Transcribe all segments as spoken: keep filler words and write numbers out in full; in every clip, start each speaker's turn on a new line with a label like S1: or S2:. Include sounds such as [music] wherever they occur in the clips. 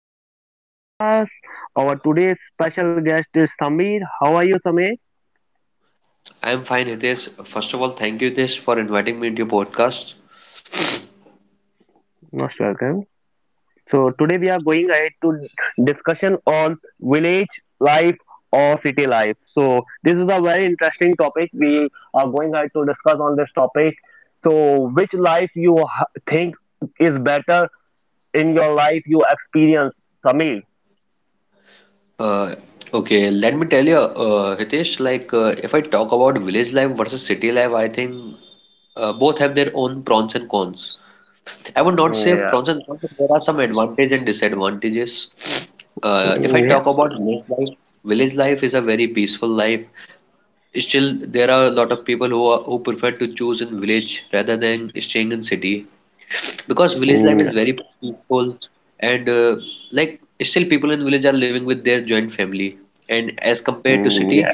S1: host of this podcast. Our today's special guest is Samir. How are you, Samir?
S2: I'm fine, Hitesh. First of all, thank you, Hitesh, for inviting me into your podcast.
S1: Most welcome. So today we are going ahead to discussion on village life or city life. So this is a very interesting topic. We are going ahead to discuss on this topic. So which life you ha- think is better in your life you experience, Samir?
S2: Uh, okay, let me tell you, uh, Hitesh, like uh, if I talk about village life versus city life, I think uh, both have their own pros and cons. I would not
S1: Mm,
S2: say
S1: yeah.
S2: pros and cons, but there are some advantages and disadvantages. Uh, if I
S1: Mm, yeah.
S2: talk about village life, village life is a very peaceful life. Still, there are a lot of people who are, who prefer to choose in village rather than staying in city, because village
S1: Mm,
S2: life
S1: yeah.
S2: is very peaceful and uh, like still people in village are living with their joint family, and as compared to
S1: Mm,
S2: city,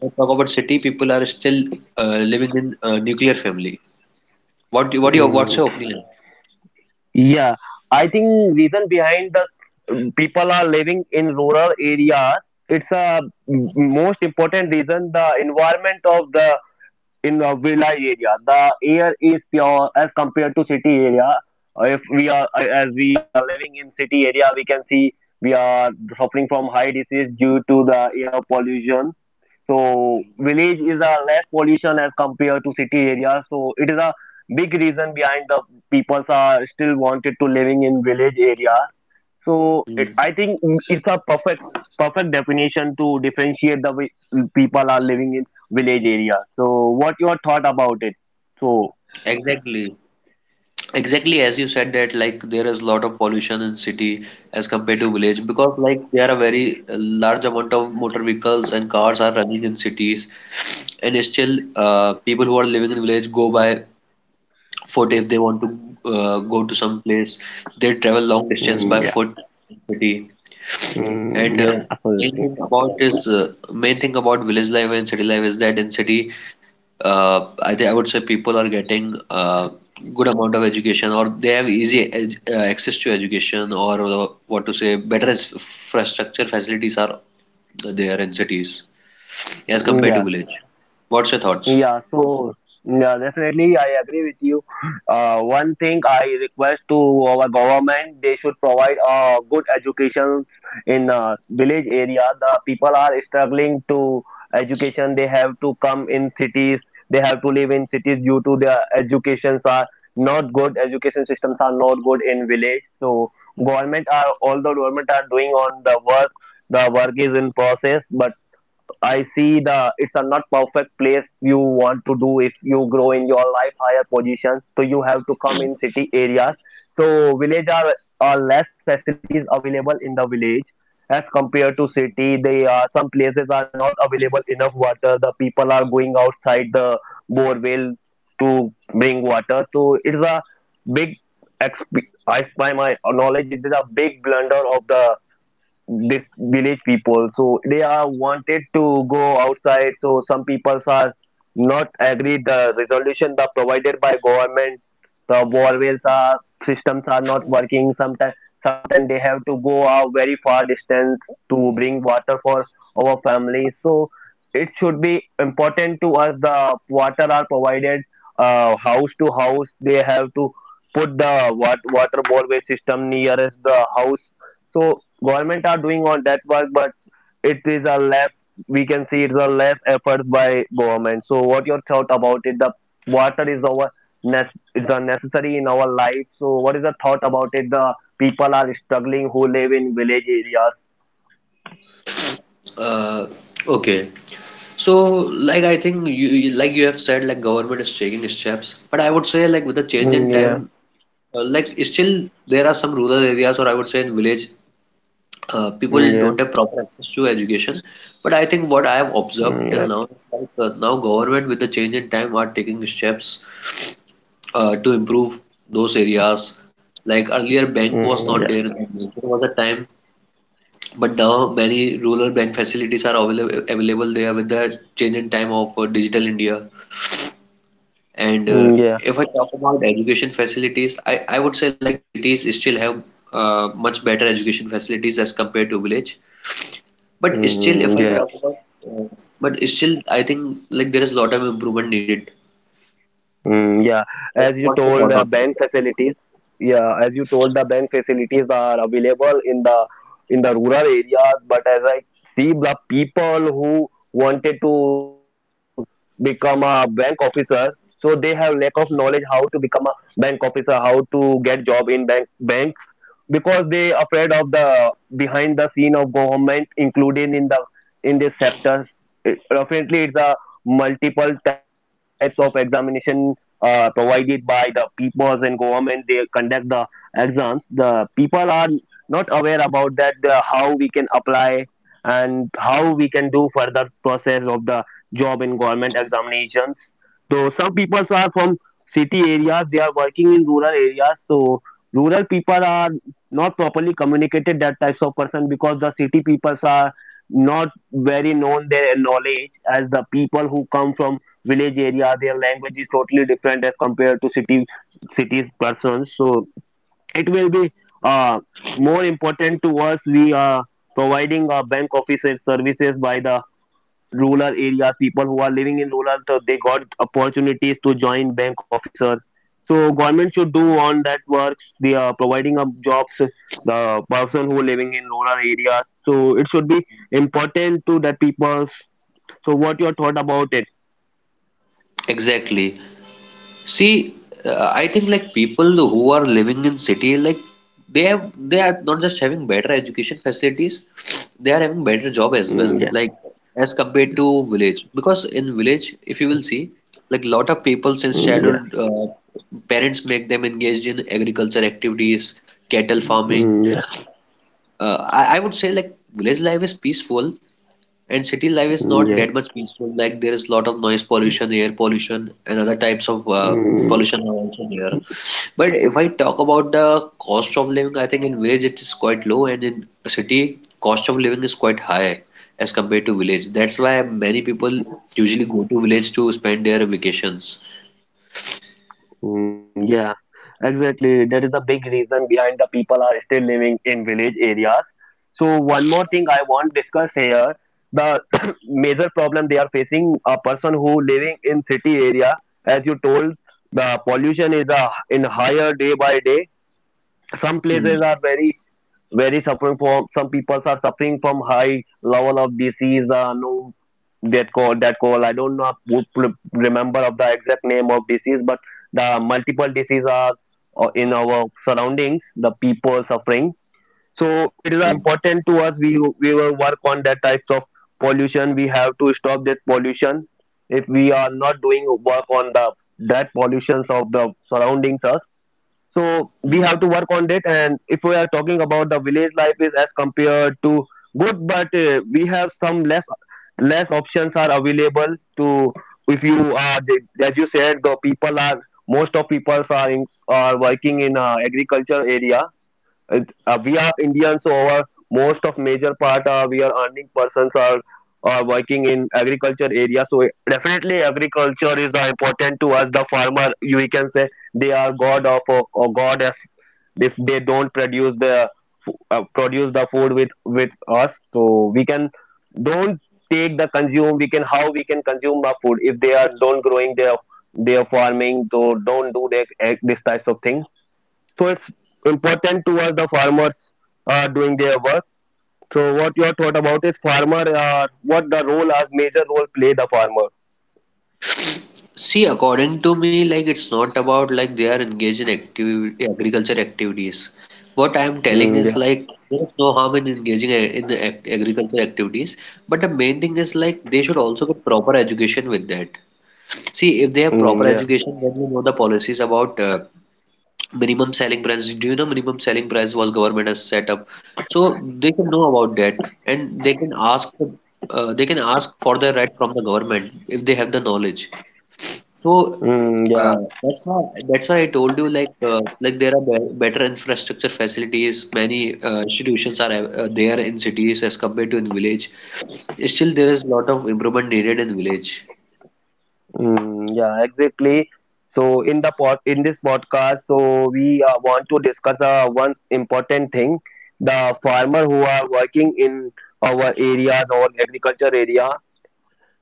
S2: when I talk about city, people are still uh, living in uh, nuclear family. What do- what do you what's
S1: yeah.
S2: your opinion?
S1: Yeah, I think reason behind the um, people are living in rural areas. It's a m- most important reason the environment of the in the village area. The air is pure as compared to city area. If we are as we are living in city area, we can see we are suffering from high disease due to the air pollution. So village is a less pollution as compared to city area. So it is a big reason behind the peoples are still wanted to living in village area. So it,
S2: Hmm,
S1: I think it's a perfect perfect definition to differentiate the way people are living in village area. So what your thought about it? So
S2: exactly. exactly as you said that, like, there is a lot of pollution in city as compared to village, because like there are very uh, large amount of motor vehicles and cars are running in cities, and still uh, people who are living in village go by foot. If they want to uh, go to some place, they travel long distance
S1: mm,
S2: by
S1: yeah,
S2: foot in city.
S1: mm,
S2: And
S1: yeah,
S2: uh, main
S1: absolutely.
S2: thing about is uh, Main thing about village life and city life is that in city, uh, I, think I would say people are getting uh, good amount of education, or they have easy ed uh, access to education, or uh, what to say better ins- infrastructure facilities are there in cities as
S1: Hmm,
S2: compared to
S1: yeah.
S2: village. What's your thoughts?
S1: Yeah, so yeah, definitely I agree with you. Uh, one thing I request to our government, they should provide a good education in uh, village area. The people are struggling to education. They have to come in cities. They have to live in cities due to their educations are not good. Education systems are not good in village. So government are although government are doing on the work. The work is in process, but I see the it's a not perfect place you want to do if you grow in your life higher positions. So you have to come in city areas. So village are, are less facilities available in the village as compared to city. They are some places are not available enough water. The people are going outside the bore well to bring water. So it's a big exp- as by my knowledge, it is a big blunder of the this village people so they are wanted to go outside so some people are not agree the resolution the provided by government the bore wells are systems are not working sometimes sometimes they have to go a very far distance to bring water for our family so it should be important to us the water are provided uh, house to house they have to put the wat- water boreway system nearest the house so government are doing on that work but it is a less we can see it's a less efforts by government so what your thought about it the water is our nec- is the necessary in our life so what is the thought about it the people are struggling who live in village areas.
S2: uh, okay So, like I think you you- like you have said, like government is taking steps, but I would say like with the change in
S1: Mm,
S2: time,
S1: yeah.
S2: uh, like still there are some rural areas, or I would say in village, uh,
S1: Mm,
S2: people
S1: yeah.
S2: don't have proper access to education. But I think what I have
S1: Mm, yeah.
S2: observed till now is like uh, now government, with the change in time, are taking steps uh, to improve those areas. Like earlier, bank was
S1: Mm,
S2: not
S1: yeah.
S2: there in the village. There was a time, but now many rural bank facilities are available available there with the change in time of uh, digital India. And uh,
S1: Mm, yeah.
S2: if I talk about education facilities, I, I would say like cities still have uh, much better education facilities as compared to village. But still, if
S1: Mm,
S2: I
S1: yeah.
S2: talk about, uh, but still, I think like there is a lot of improvement needed.
S1: Mm, yeah, as
S2: What's
S1: you
S2: what's your
S1: told,
S2: thought
S1: the
S2: on that?
S1: bank facilities. Yeah, as you told, the bank facilities are available in the in the rural areas. But as I see, the people who wanted to become a bank officer, so they have lack of knowledge how to become a bank officer, how to get job in bank banks because they afraid of the behind the scene of government, including in the in this sector. It, definitely, it's a multiple types of examination uh, provided by the peoples and government they conduct the exams the people are not aware about that the, how we can apply and how we can do further process of the job in government examinations so some peoples are from city areas they are working in rural areas so rural people are not properly communicated that types of person because the city peoples are not very known their knowledge as the people who come from village area their language is totally different as compared to city cities persons so it will be uh, more important to us we are providing uh, bank officer services by the rural areas people who are living in rural so they got opportunities to join bank officer so government should do on that works we are providing up jobs the person who living in rural areas so it should be important to the people so what your thought about it.
S2: Exactly. See, uh, I think like people who are living in city, like they have they are not just having better education facilities, [sniffs] they are having better job as
S1: Mm,
S2: well,
S1: yeah.
S2: like as compared to village. Because in village, if you will see, like lot of people since
S1: Mm, yeah.
S2: childhood, uh, parents make them engaged in agriculture activities, cattle farming.
S1: Mm, yeah,
S2: Uh, I, I would say like village life is peaceful, and city life is not
S1: mm,
S2: that much
S1: yes,
S2: peaceful. Like there is a lot of noise pollution, air pollution, and other types of uh, pollution are
S1: mm,
S2: also there. But if I talk about the cost of living, I think in village it is quite low, and in city cost of living is quite high as compared to village. That's why many people usually go to village to spend their vacations.
S1: mm, yeah, exactly. That is a big reason behind the people are still living in village areas. So one more thing I want discuss here, the [coughs] [clears throat] major problem they are facing, a person who living in city area, as you told, the pollution is a, in higher day by day. Some
S2: Mm,
S1: places are very very suffering from some people are suffering from high level of disease uh, no that call that call I don't know would pl- remember of the exact name of disease but the multiple diseases are uh, in our surroundings the people suffering so it is uh,
S2: mm,
S1: important to us we we will work on that types of pollution we have to stop that pollution if we are not doing work on the that pollutions of the surroundings us so we
S2: mm.
S1: have to work on that and if we are talking about the village life is as compared to good but uh, we have some less less options are available to if you are the- as you said the people are most of people are in, are working in uh, agriculture area it, uh, we are Indians, so our most of major part uh, we are earning persons are are working in agriculture area. So definitely agriculture is the important to us. The farmer, you we can say they are god of or, or goddess if if they don't produce the f- uh, produce the food with with us. So we can don't take the consume. We can how we can consume the food if they are don't growing their their farming. So don't do that eh, this type of thing so it's important towards the farmers uh, doing their work so what your thought about is farmer uh, what the role as major role play the farmer.
S2: See, according to me, like it's not about like they are engaged in active agriculture activities. What I am telling
S1: Mm,
S2: is
S1: yeah.
S2: like there is no harm in engaging a- in ac- agriculture activities, but the main thing is like they should also get proper education with that. See, if they have
S1: Mm,
S2: proper
S1: yeah.
S2: education, then you know the policies about uh, minimum selling price. Do you know minimum selling price was government has set up? So they can know about that, and they can ask uh, they can ask for the right from the government if they have the knowledge. So
S1: Mm, yeah.
S2: uh, that's why that's why I told you like uh, like there are be better infrastructure facilities. Many uh, institutions are uh, there in cities as compared to in village. Still, there is a lot of improvement needed in village.
S1: Mm, yeah, exactly. So in the pod, in this podcast so we uh, want to discuss uh, one important thing the farmer who are working in our areas or agriculture area.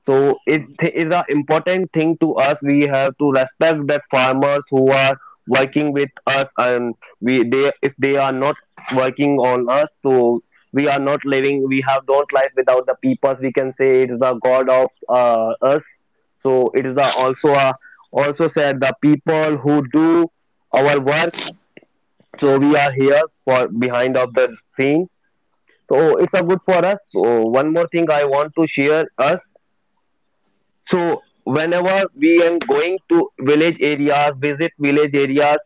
S1: So it
S2: Mhm.
S1: th- is an important thing to us. We have to respect that farmers who are working with us, and we they if they are not working on us, so we are not living. We have don't life without the people. We can say it is the God of uh, us. So it is a, also a, also said the people who do our work. So we are here for behind of the scene. So it's a good for us. So one more thing I want to share us so whenever we am going to village areas, visit village areas,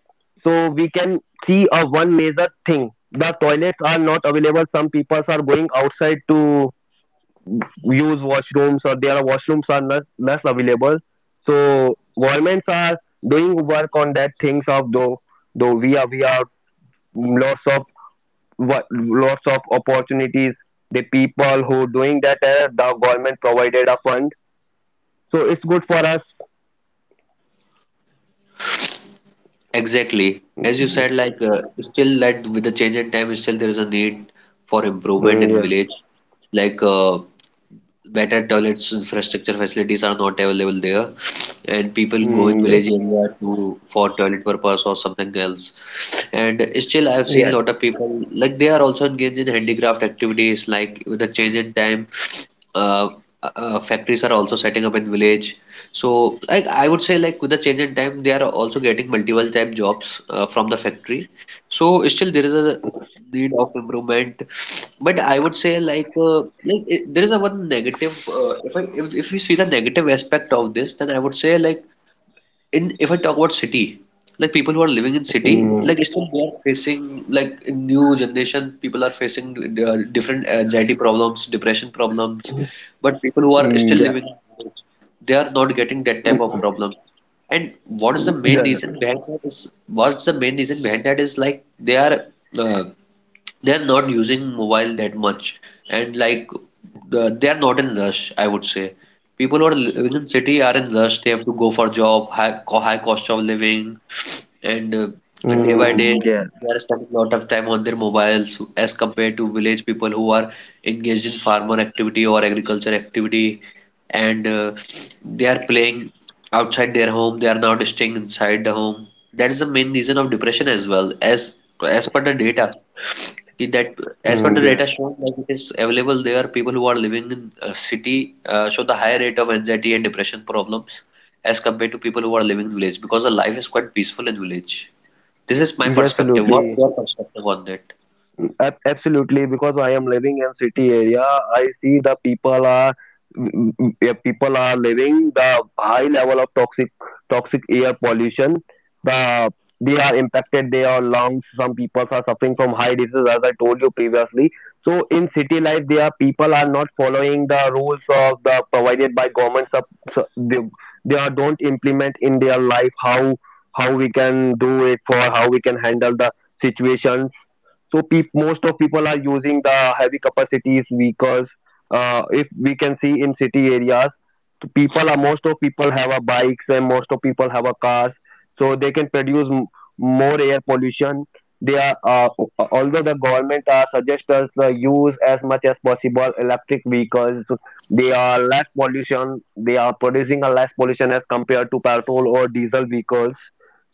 S1: so we can see a one major thing. The toilets are not available. Some people are going outside to use washrooms or their washrooms are not less available. So governments are doing work on that things of though though we are we are lots of wo- lots of opportunities. The people who doing that uh, the government provided a fund. So it's good for us.
S2: Exactly. As you said, like uh, still that with the change in time, still there is a need for improvement
S1: Mm,
S2: in
S1: yeah.
S2: village. Like uh, better toilets infrastructure facilities are not available there, and people go
S1: Mm,
S2: in village
S1: yes.
S2: area to for toilet purpose or something else. And still I've seen
S1: Yes.
S2: lot of people like they are also engaged in handicraft activities. Like with the change in time, uh, uh, factories are also setting up in village, so like I would say like with the change in time they are also getting multiple type jobs uh, from the factory. So still there is a need of improvement, but I would say like uh, like it, there is a one negative uh, if I if, if you see the negative aspect of this, then I would say like in, if I talk about city, like people who are living in city,
S1: Mm,
S2: like still they are facing like in new generation, people are facing uh, different anxiety problems, depression problems, but people who are
S1: mm,
S2: still
S1: yeah.
S2: living in village, they are not getting that type of
S1: Mm,
S2: problems. And what is the main
S1: yeah.
S2: reason behind that is what's the main reason behind that is like they are uh, they're not using mobile that much, and like the, they're not in rush, I would say. People who are living in city are in rush, they have to go for job, high, co- high cost of living, and uh, day by day
S1: Mm, yes.
S2: they are spending a lot of time on their mobiles as compared to village people who are engaged in farmer activity or agriculture activity, and uh, they are playing outside their home, they are not staying inside the home. That is the main reason of depression. As well as as per the data Ki- that as per the
S1: Mm, yeah.
S2: data shown, like it is available there, people who are living in a city uh, show the high rate of anxiety and depression problems as compared to people who are living in village, because the life is quite peaceful in village. This is my
S1: Yes,
S2: perspective. What's
S1: absolutely.
S2: your perspective on that?
S1: Ab- absolutely because I am living in city area I see the people are mm, mm, yeah, people are living the high level of toxic toxic air pollution the they are impacted they are lungs some people are suffering from high disease as I told you previously so in city life there are people are not following the rules of the provided by government. Sub so they, they are don't implement in their life how how we can do it for how we can handle the situations so peop most of people are using the heavy capacities vehicles. Uh, if we can see in city areas the people are most of people have a bikes and most of people have a cars so they can produce m- more air pollution they are uh, although the government uh, suggests us the use as much as possible electric vehicles they are less pollution they are producing a less pollution as compared to petrol or diesel vehicles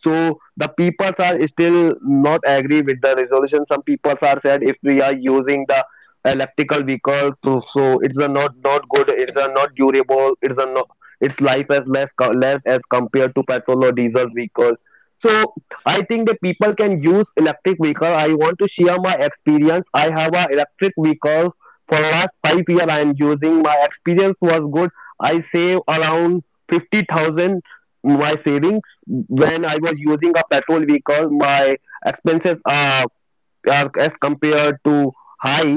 S1: so the people are still not agree with the resolution. Some people are said if we are using the electrical vehicle, so, so it's a not not good. It's a not durable. It's a no, its life as less co- less as compared to petrol or diesel vehicle. So I think the people can use electric vehicle. I want to share my experience. I have a electric vehicle for last five years. I am using. My experience was good. I save around fifty thousand my saving when I was using a petrol vehicle, my expenses are, are as compared to high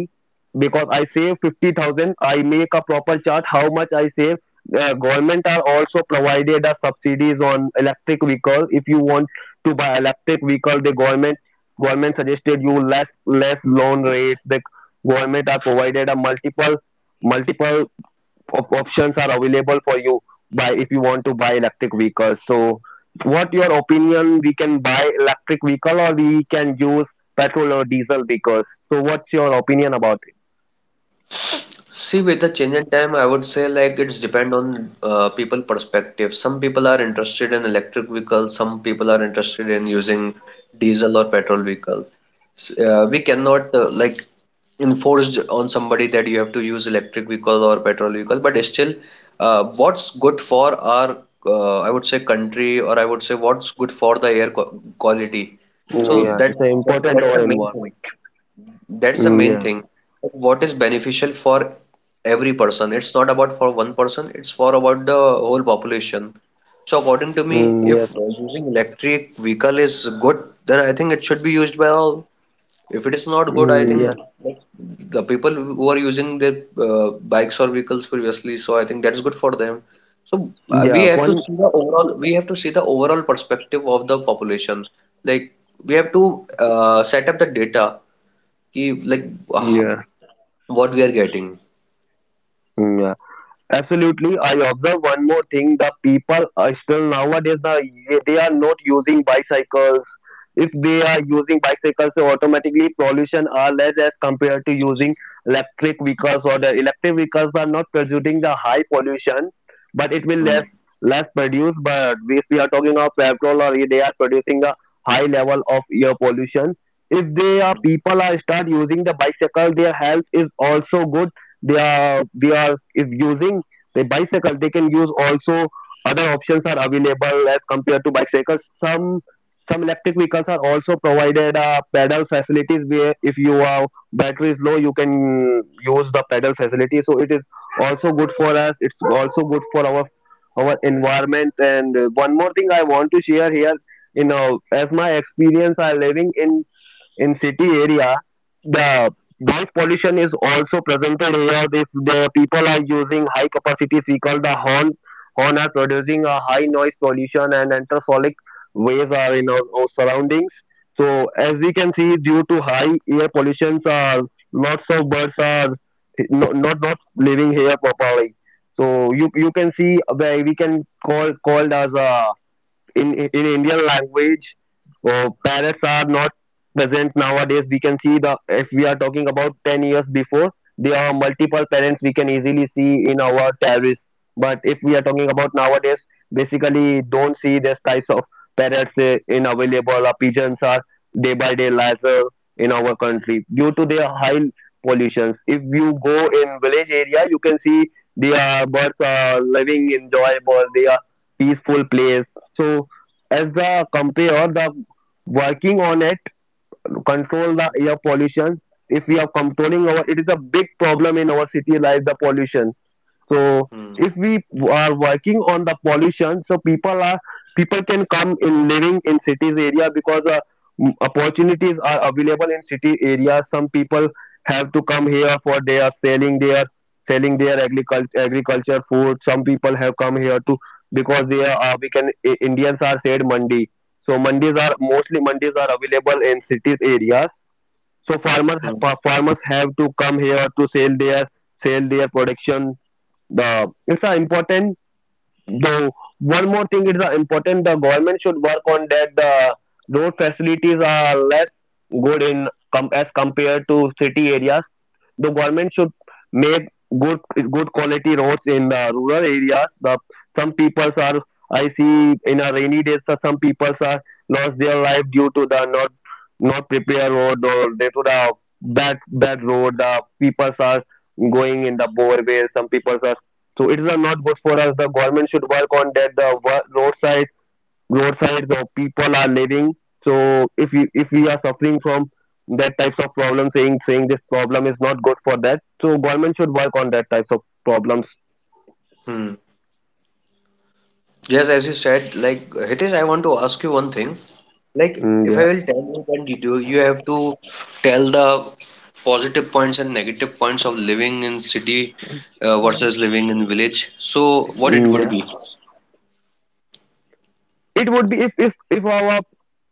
S1: because I save fifty thousand. I make a proper chart how much I save. Uh, government are also provided a subsidies on electric vehicle. If you want to buy electric vehicle, the government government suggested you less less loan rates. The government are provided a multiple multiple op- options are available for you by, if you want to buy electric vehicles, so what your opinion, we can buy electric vehicle or we can use petrol or diesel vehicles? So what's your opinion about it?
S2: See, with the change in time, I would say like it's depend on uh, people perspective. Some people are interested in electric vehicles. Some people are interested in using diesel or petrol vehicle. S- Uh, we cannot uh, like enforce on somebody that you have to use electric vehicle or petrol vehicle. But still, uh, what's good for our uh, I would say country, or I would say what's good for the air qu- quality. So
S1: Mm, yeah, it's uh,
S2: that's that,
S1: important to
S2: that's
S1: our
S2: the main thing.
S1: environment.
S2: That's the
S1: Mm,
S2: main
S1: yeah.
S2: thing. What is beneficial for every person? It's not about for one person, it's for about the whole population. So according to me,
S1: Mm, yes.
S2: if using electric vehicle is good, then I think it should be used by all. If it is not good, I
S1: Mm,
S2: think
S1: yes.
S2: like the people who are using their uh, bikes or vehicles previously, so I think that's good for them. So uh, we
S1: Yeah,
S2: have to
S1: one.
S2: see the overall, we have to see the overall perspective of the population. Like we have to uh, set up the data कि like uh,
S1: Yeah.
S2: what we are getting.
S1: Mm, yeah. Absolutely, I observe one more thing: the people are still nowadays the, they are not using bicycles. If they are using bicycles, so automatically pollution are less as compared to using electric vehicles, or the electric vehicles are not producing the high pollution, but it will
S2: Hmm,
S1: less less produce. But if we are talking of petrol, or they are producing a high level of air pollution. If they are
S2: hmm,
S1: people are start using the bicycle, their health is also good. They are, we are, if using the bicycle they can use also other options are available as compared to bicycles. Some some electric vehicles are also provided uh, pedal facilities where if you are battery is low you can use the pedal facility, so it is also good for us, it's also good for our our environment. And uh, one more thing I want to share here you know As my experience are living in in city area, the noise pollution is also presented here. If the people are using high capacity vehicle, the horn horn are producing a high noise pollution and ultrasonic waves are in our, our surroundings. So as we can see due to high air pollution, uh, lots of birds are not not, not living here properly. So you you can see where we can call called as a, in in Indian language. Uh, parrots are not present nowadays. We can see, the if we are talking about ten years before, there are multiple parents we can easily see in our terrace. But if we are talking about nowadays, basically don't see this types of parrots uh, in available. Or pigeons are day by day lesser in our country due to their high pollutions. If you go in village area, you can see they are birds are living enjoyable. They are peaceful place. So as the compare the, working on it, control the air pollution. If we are controlling our, it is a big problem in our city life, the pollution. So
S2: hmm,
S1: if we are working on the pollution, so people are people can come in living in cities area because uh, m- opportunities are available in city area. Some people have to come here for their selling their selling their agriculture agriculture food. Some people have come here to, because they are, uh, we can I- Indians are said mandi. So mandis are mostly mandis are available in cities areas. So farmers
S2: hmm,
S1: farmers have to come here to sell their sell their production. The it's a important though. One more thing is a important, the government should work on that the road facilities are less good in com- as compared to city areas. The government should make good good quality roads in the rural areas. The some people are, I see in a rainy days, so some people are lost their life due to the not not prepare road, or due to the bad bad road, the people are going in the bore boreway, some people are. So it is not good for us. The government should work on that, the wo- roadside, your side the people are living. So if you if we are suffering from that types of problem, saying saying this problem is not good for that, so government should work on that types of problems.
S2: hmm. Yes, as you said, like Hitesh, I want to ask you one thing. Like,
S1: Mm,
S2: if I
S1: yeah.
S2: will tell you, then you do- you have to tell the positive points and negative points of living in city uh, versus living in village. So, what it
S1: Mm,
S2: would
S1: yeah,
S2: be?
S1: it would be, if if if our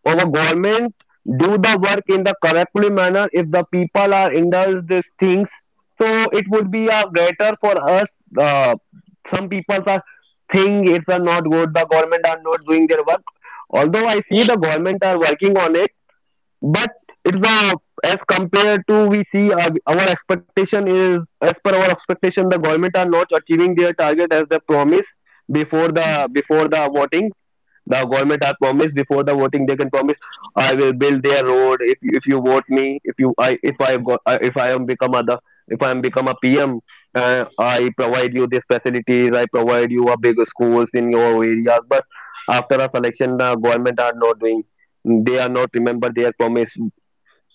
S1: our government do the work in the correctly manner, if the people are indulged these things, so it would be a greater for us. uh, some people are think it's a not good, the government are not doing their work, although I see the government are working on it. But it's the, as compared to we see our, our expectation is, as per our expectation the government are not achieving their target as they promise before the before the voting. The government are promised, before the voting they can promise, I will build their road if if you vote me, if you i if i got I- if I am become other if I am become a pm. uh, I provide you these facilities, I provide you a big schools in your areas, but after a selection the government are not doing, they are not remember their promise.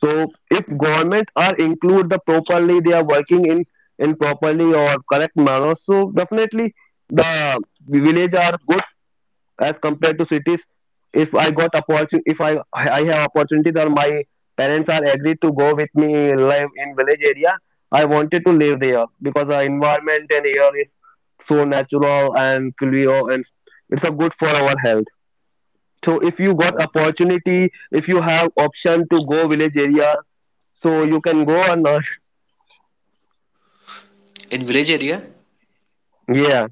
S1: So if government are include the properly, they are working in in properly or correct manner. So definitely the village are good as compared to cities. If I got opportunity, if I I have opportunity or my parents are agreed to go with me live in village area, I wanted to live there because the environment and air is so natural and clear, and it's a good for our health. So if you got opportunity, if you have option to go village area, so you can go on. Uh,
S2: In village area,
S1: yeah.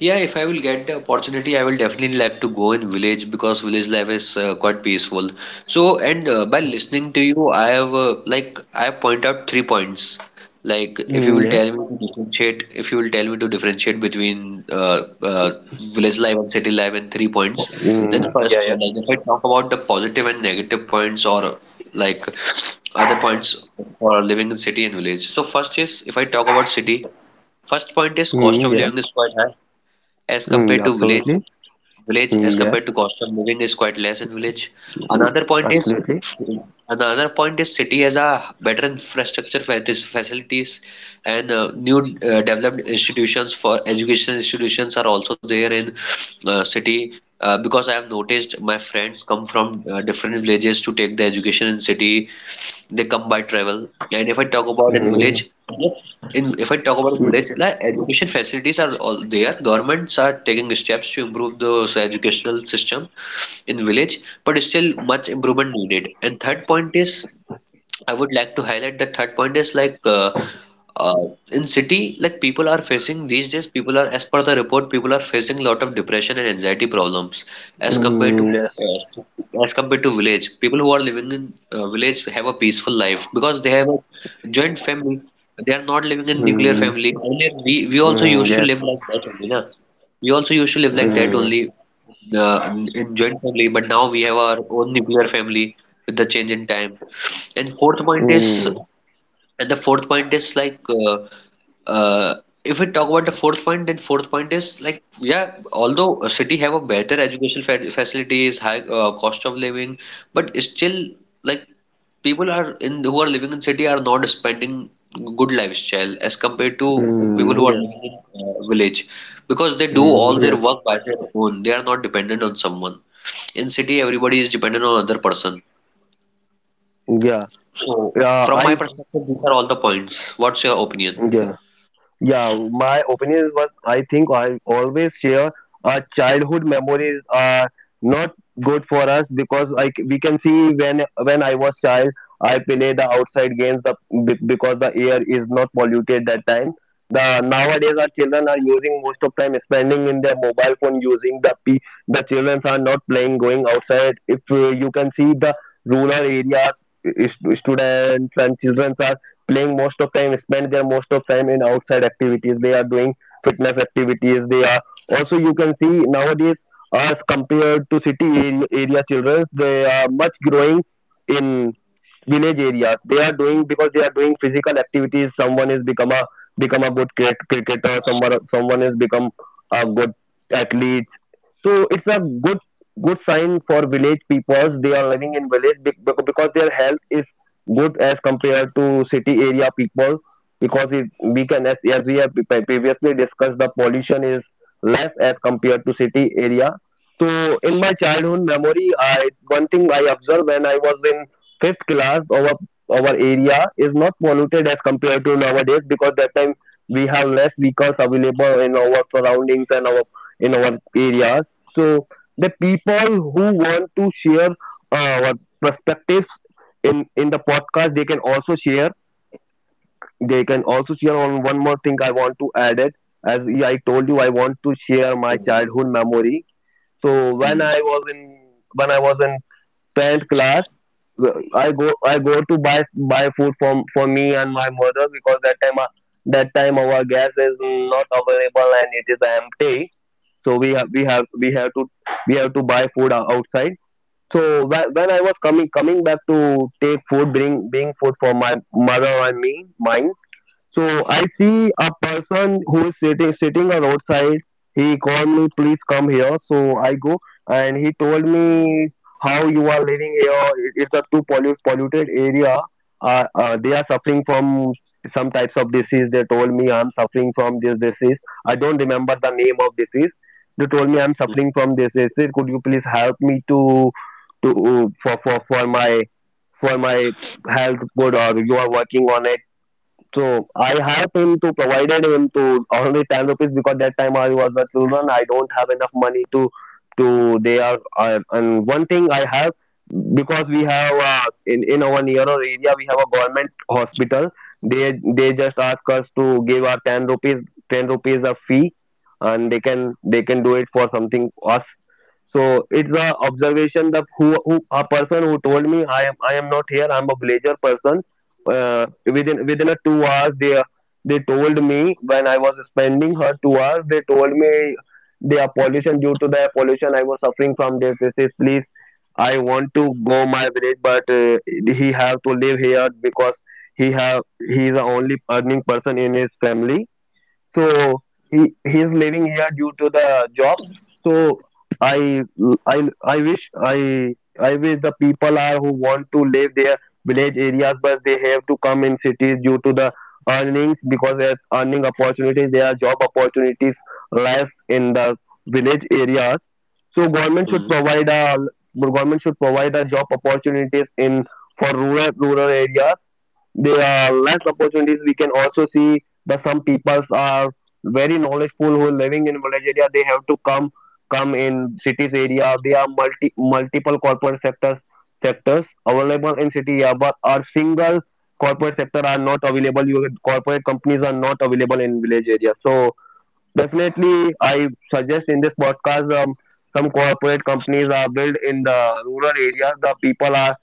S2: yeah, if I will get the opportunity, I will definitely like to go in village because village life is uh, quite peaceful. So, and uh, by listening to you, I have uh, like I point out three points. Like, if you
S1: Mm,
S2: will
S1: yeah.
S2: tell me to differentiate, if you will tell me to differentiate between uh, uh, village life and city life in three points, then
S1: Mm,
S2: first,
S1: yeah.
S2: uh,
S1: Yeah.
S2: like if I talk about the positive and negative points, or like [sniffs] other points for living in city and village. So first is if I talk about city. First point is cost
S1: Mm,
S2: of
S1: yeah.
S2: living is quite high as
S1: Mm,
S2: compared
S1: yeah.
S2: to village.
S1: Absolutely.
S2: Village as
S1: Mm, yeah.
S2: compared to cost of living is quite less in village.
S1: Mm,
S2: Another point is
S1: absolutely.
S2: another point is city has a better infrastructure fac- facilities, and uh, new uh, developed institutions for educational institutions are also there in uh, city, uh, because I have noticed my friends come from uh, different villages to take the education in city. They come by travel. And if I talk about in village,
S1: Mm,
S2: yes, in if I talk about in
S1: mm,
S2: village, like education facilities are all there. Governments are taking steps to improve the educational system in village, but still much improvement needed. And third point is, I would like to highlight the third point is like uh, uh, in city, like people are facing these days, people are, as per the report, people are facing a lot of depression and anxiety problems as compared to
S1: mm, yes.
S2: uh, as compared to village. People who are living in uh, village have a peaceful life because they have a joint family. They are not living in nuclear
S1: Mm,
S2: family. Earlier, we we also
S1: mm,
S2: used to
S1: yes.
S2: live like that only, na? We also used to live like that
S1: Mm,
S2: only uh, in in joint family, but now we have our own nuclear family with the change in time. And fourth point is,
S1: mm,
S2: and the fourth point is like, uh, uh, if we talk about the fourth point, then fourth point is like, yeah, although a city have a better educational fa facilities, high uh, cost of living, but still like people are in who are living in city are not spending good lifestyle as compared to people
S1: mm,
S2: who are
S1: yes.
S2: living in uh, village because they do all
S1: Mm,
S2: their
S1: yes.
S2: work by their own. They are not dependent on someone. In city, everybody is dependent on other person.
S1: Yeah.
S2: So,
S1: Yeah.
S2: from my
S1: I.
S2: perspective, these are all the points. What's your opinion?
S1: yeah. Yeah, my opinion was, I think I always share, our childhood memories are not good for us, because like we can see, when when I was child I play the outside games, the, be- because the air is not polluted that time. The nowadays our children are using most of time spending in their mobile phone, using the p the children are not playing, going outside. If uh, you can see the rural areas, is- students and children are playing most of time, spend their most of time in outside activities, they are doing fitness activities, they are also, you can see nowadays as compared to city ar- area children they are much growing in village areas. They are doing, because they are doing physical activities, someone is become a become a good cricket, cricketer, someone someone is become a good athlete. So it's a good good sign for village peoples. They are living in village be- bec- because their health is good as compared to city area people. Because it, we can as, as we have pre- previously discussed, the pollution is less as compared to city area. So in my childhood memory, I one thing I observed, when I was in fifth class, our our area is not polluted as compared to nowadays, because that time we have less vehicles available in our surroundings and our in our areas. So the people who want to share uh, what perspectives in in the podcast, they can also share. They can also share on one more thing. I want to add it. As I told you, I want to share my
S2: Mm,
S1: childhood memory. So when
S2: mm,
S1: I was in when I was in tenth class, I go I go to buy buy food from for me and my mother, because that time, uh, that time our gas is not available and it is empty. So we have we have we have to we have to buy food o- outside. So whe- when I was coming coming back to take food, bring bring food for my mother and me, mine. So I see a person who is sitting sitting a roadside. He called me, please come here. So I go and he told me, how you are living here. It- It's a too pollu- polluted area. Uh, uh, they are suffering from some types of disease. They told me, I'm suffering from this disease. I don't remember the name of disease. They told me, I'm
S2: mm,
S1: suffering from this disease. Could you please help me to to for for for my for my health good, or you are working on it? So I have him to provided him to only ten rupees, because that time I was a children. I don't have enough money to to they are I, and one thing I have, because we have uh, in in our nearer area we have a government hospital. They they just ask us to give our ten rupees, ten rupees a fee, and they can they can do it for something us. So it's the observation that who, who, a person who told me, I am I am not here, I'm a villager person. Uh, within within a two hours they they told me when I was spending her two hours they told me they are pollution due to the pollution I was suffering from this disease. Please I want to go my village, but uh, he have to live here because he have he is the only earning person in his family, so he he is living here due to the job. So i i i wish i I wish the people are who want to live their village areas but they have to come in cities due to the earnings, because there's earning opportunities, there are job opportunities less in the village areas. So government should
S2: mm.
S1: provide a government should provide a job opportunities in for rural rural areas. There are less opportunities. We can also see that some people are very knowledgeful who are living in village area. They have to come come in cities area. There are multi multiple corporate sectors sectors available in city area, but our single corporate sector are not available. Your corporate companies are not available in village area. So definitely, I suggest in this podcast um, some corporate companies are built in the rural areas. The people are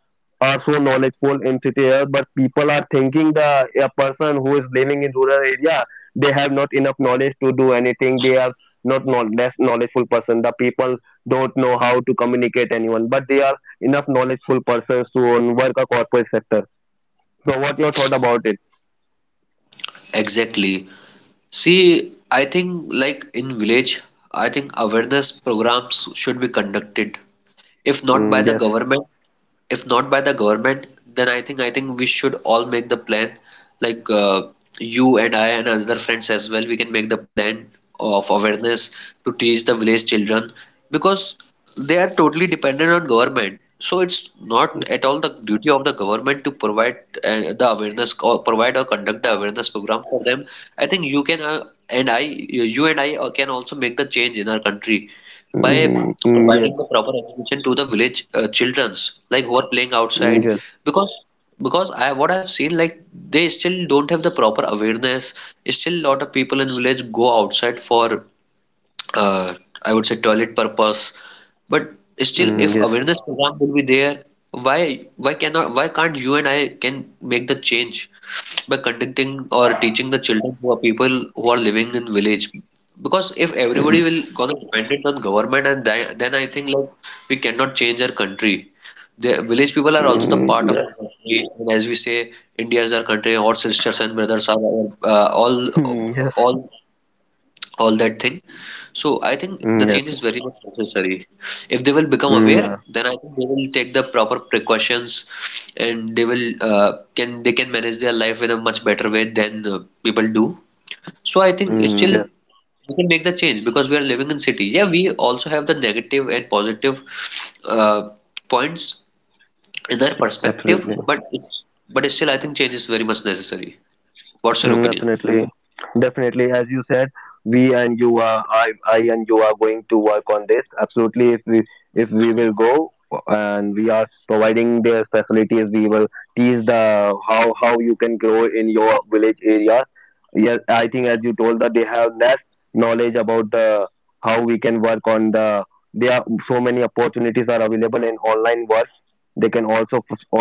S1: are so knowledgeable in city areas, but people are thinking the a person who is living in rural area, they have not enough knowledge to do anything. They are not know, less knowledgeful person. The people don't know how to communicate anyone, but they are enough knowledgeful persons to own work a corporate sector. So, what your thought about it?
S2: Exactly. See, I think like in village, I think awareness programs should be conducted. If not by
S1: Mm,
S2: the
S1: yes.
S2: government, if not by the government, then I think I think we should all make the plan. Like uh, you and I and other friends as well, we can make the plan of awareness to teach the village children because they are totally dependent on government. So it's not at all the duty of the government to provide uh, the awareness or provide or conduct the awareness program for them. I think you can uh, and I, you and I uh, can also make the change in our country by
S1: Mm, mm, yes.
S2: providing the proper education to the village uh, childrens like who are playing
S1: Mm,
S2: outside
S1: yes.
S2: because because I what I've seen like they still don't have the proper awareness, still a lot of people in village go outside for uh, I would say toilet purpose, but still
S1: Mm,
S2: if
S1: yes.
S2: awareness program will be there, why why cannot, why can't you and I can make the change by conducting or teaching the children who are people who are living in village, because if everybody
S1: Mm.
S2: will going dependent on government and thi- then I think like we cannot change our country. The village people are also the
S1: Mm,
S2: part of
S1: yes.
S2: our country, and as we say, India is our country. Our sisters and brothers are our, uh, all
S1: Mm, yes.
S2: all all that thing. So I think the
S1: Mm,
S2: change
S1: yes.
S2: is very much necessary. If they will become
S1: Mm,
S2: aware,
S1: yeah.
S2: then I think they will take the proper precautions, and they will uh, can they can manage their life in a much better way than uh, people do. So I think it's
S1: Mm,
S2: still
S1: yes.
S2: we can make the change because we are living in city. Yeah, we also have the negative and positive uh, points in our perspective,
S1: Absolutely.
S2: but it's but still I think change is very much necessary. What's your
S1: Mm,
S2: opinion?
S1: definitely, definitely. As you said, we and you are, I, I and you are going to work on this. Absolutely, if we if we will go and we are providing their facilities, we will teach the how how you can grow in your village area. Yes, I think as you told that they have less knowledge about the how we can work on the. There are so many opportunities are available in online work. They can also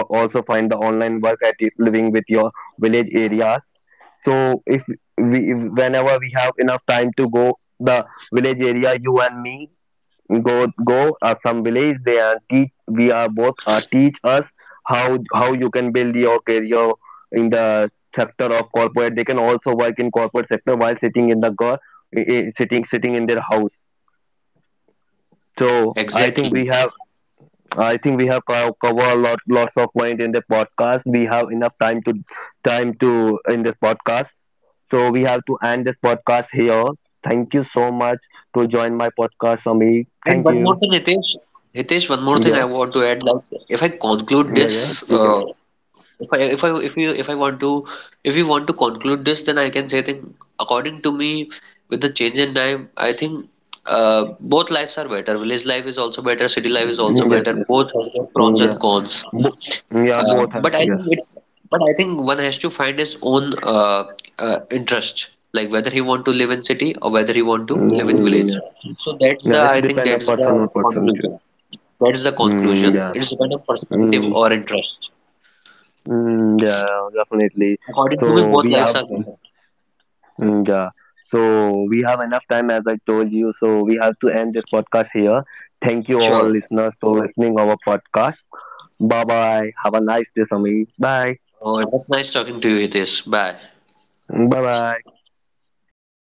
S1: also find the online work at living with your village area. So if we if whenever we have enough time to go the village area, you and me go go uh, some village there and teach we are both uh, teach us how how you can build your career in the sector of corporate. They can also work in corporate sector while sitting in the go- i- i- sitting sitting in their house. So I think
S2: Exactly.
S1: we have I think we have co- covered a lot lots of point in the podcast. We have enough time to time to in this podcast. So we have to end this podcast here. Thank you so much to join my podcast, Amit.
S2: And
S1: Thank
S2: one more
S1: you.
S2: thing, Hitesh. Hitesh, one more thing I
S1: Yeah,
S2: want to add. Like, if I conclude
S1: yeah,
S2: this,
S1: yeah. You
S2: uh,
S1: can.
S2: if I if I if you if I want to, if you want to conclude this, then I can say that according to me, with the change in time, I think uh, both lives are better. Village life is also better. City life is also
S1: Yes,
S2: better.
S1: yes.
S2: Both has their pros
S1: Yeah.
S2: and cons.
S1: Bo- yeah,
S2: Uh,
S1: both have.
S2: but I
S1: Yes.
S2: think it's but I think one has to find his own uh, uh, interest, like whether he want to live in city or whether he want to live in
S1: Mm, yeah.
S2: village.
S1: Yeah.
S2: So that's
S1: Yeah,
S2: the,
S1: it's
S2: I think
S1: depend on
S2: that's the
S1: person or person too.
S2: conclusion. That's the
S1: Mm,
S2: conclusion.
S1: yeah.
S2: It's depend on perspective
S1: Mm,
S2: or interest.
S1: mm, yeah, definitely.
S2: According to me,
S1: So
S2: both
S1: we
S2: lives
S1: have.
S2: are better.
S1: Mm, yeah. So we have enough time as I told you. So we have to end this podcast here. Thank you all
S2: Sure.
S1: listeners for listening our podcast. Bye bye. Have a nice day, Samir. Bye.
S2: Oh, it was nice talking to you, Hitesh. Bye.
S1: Bye bye.
S2: Bye.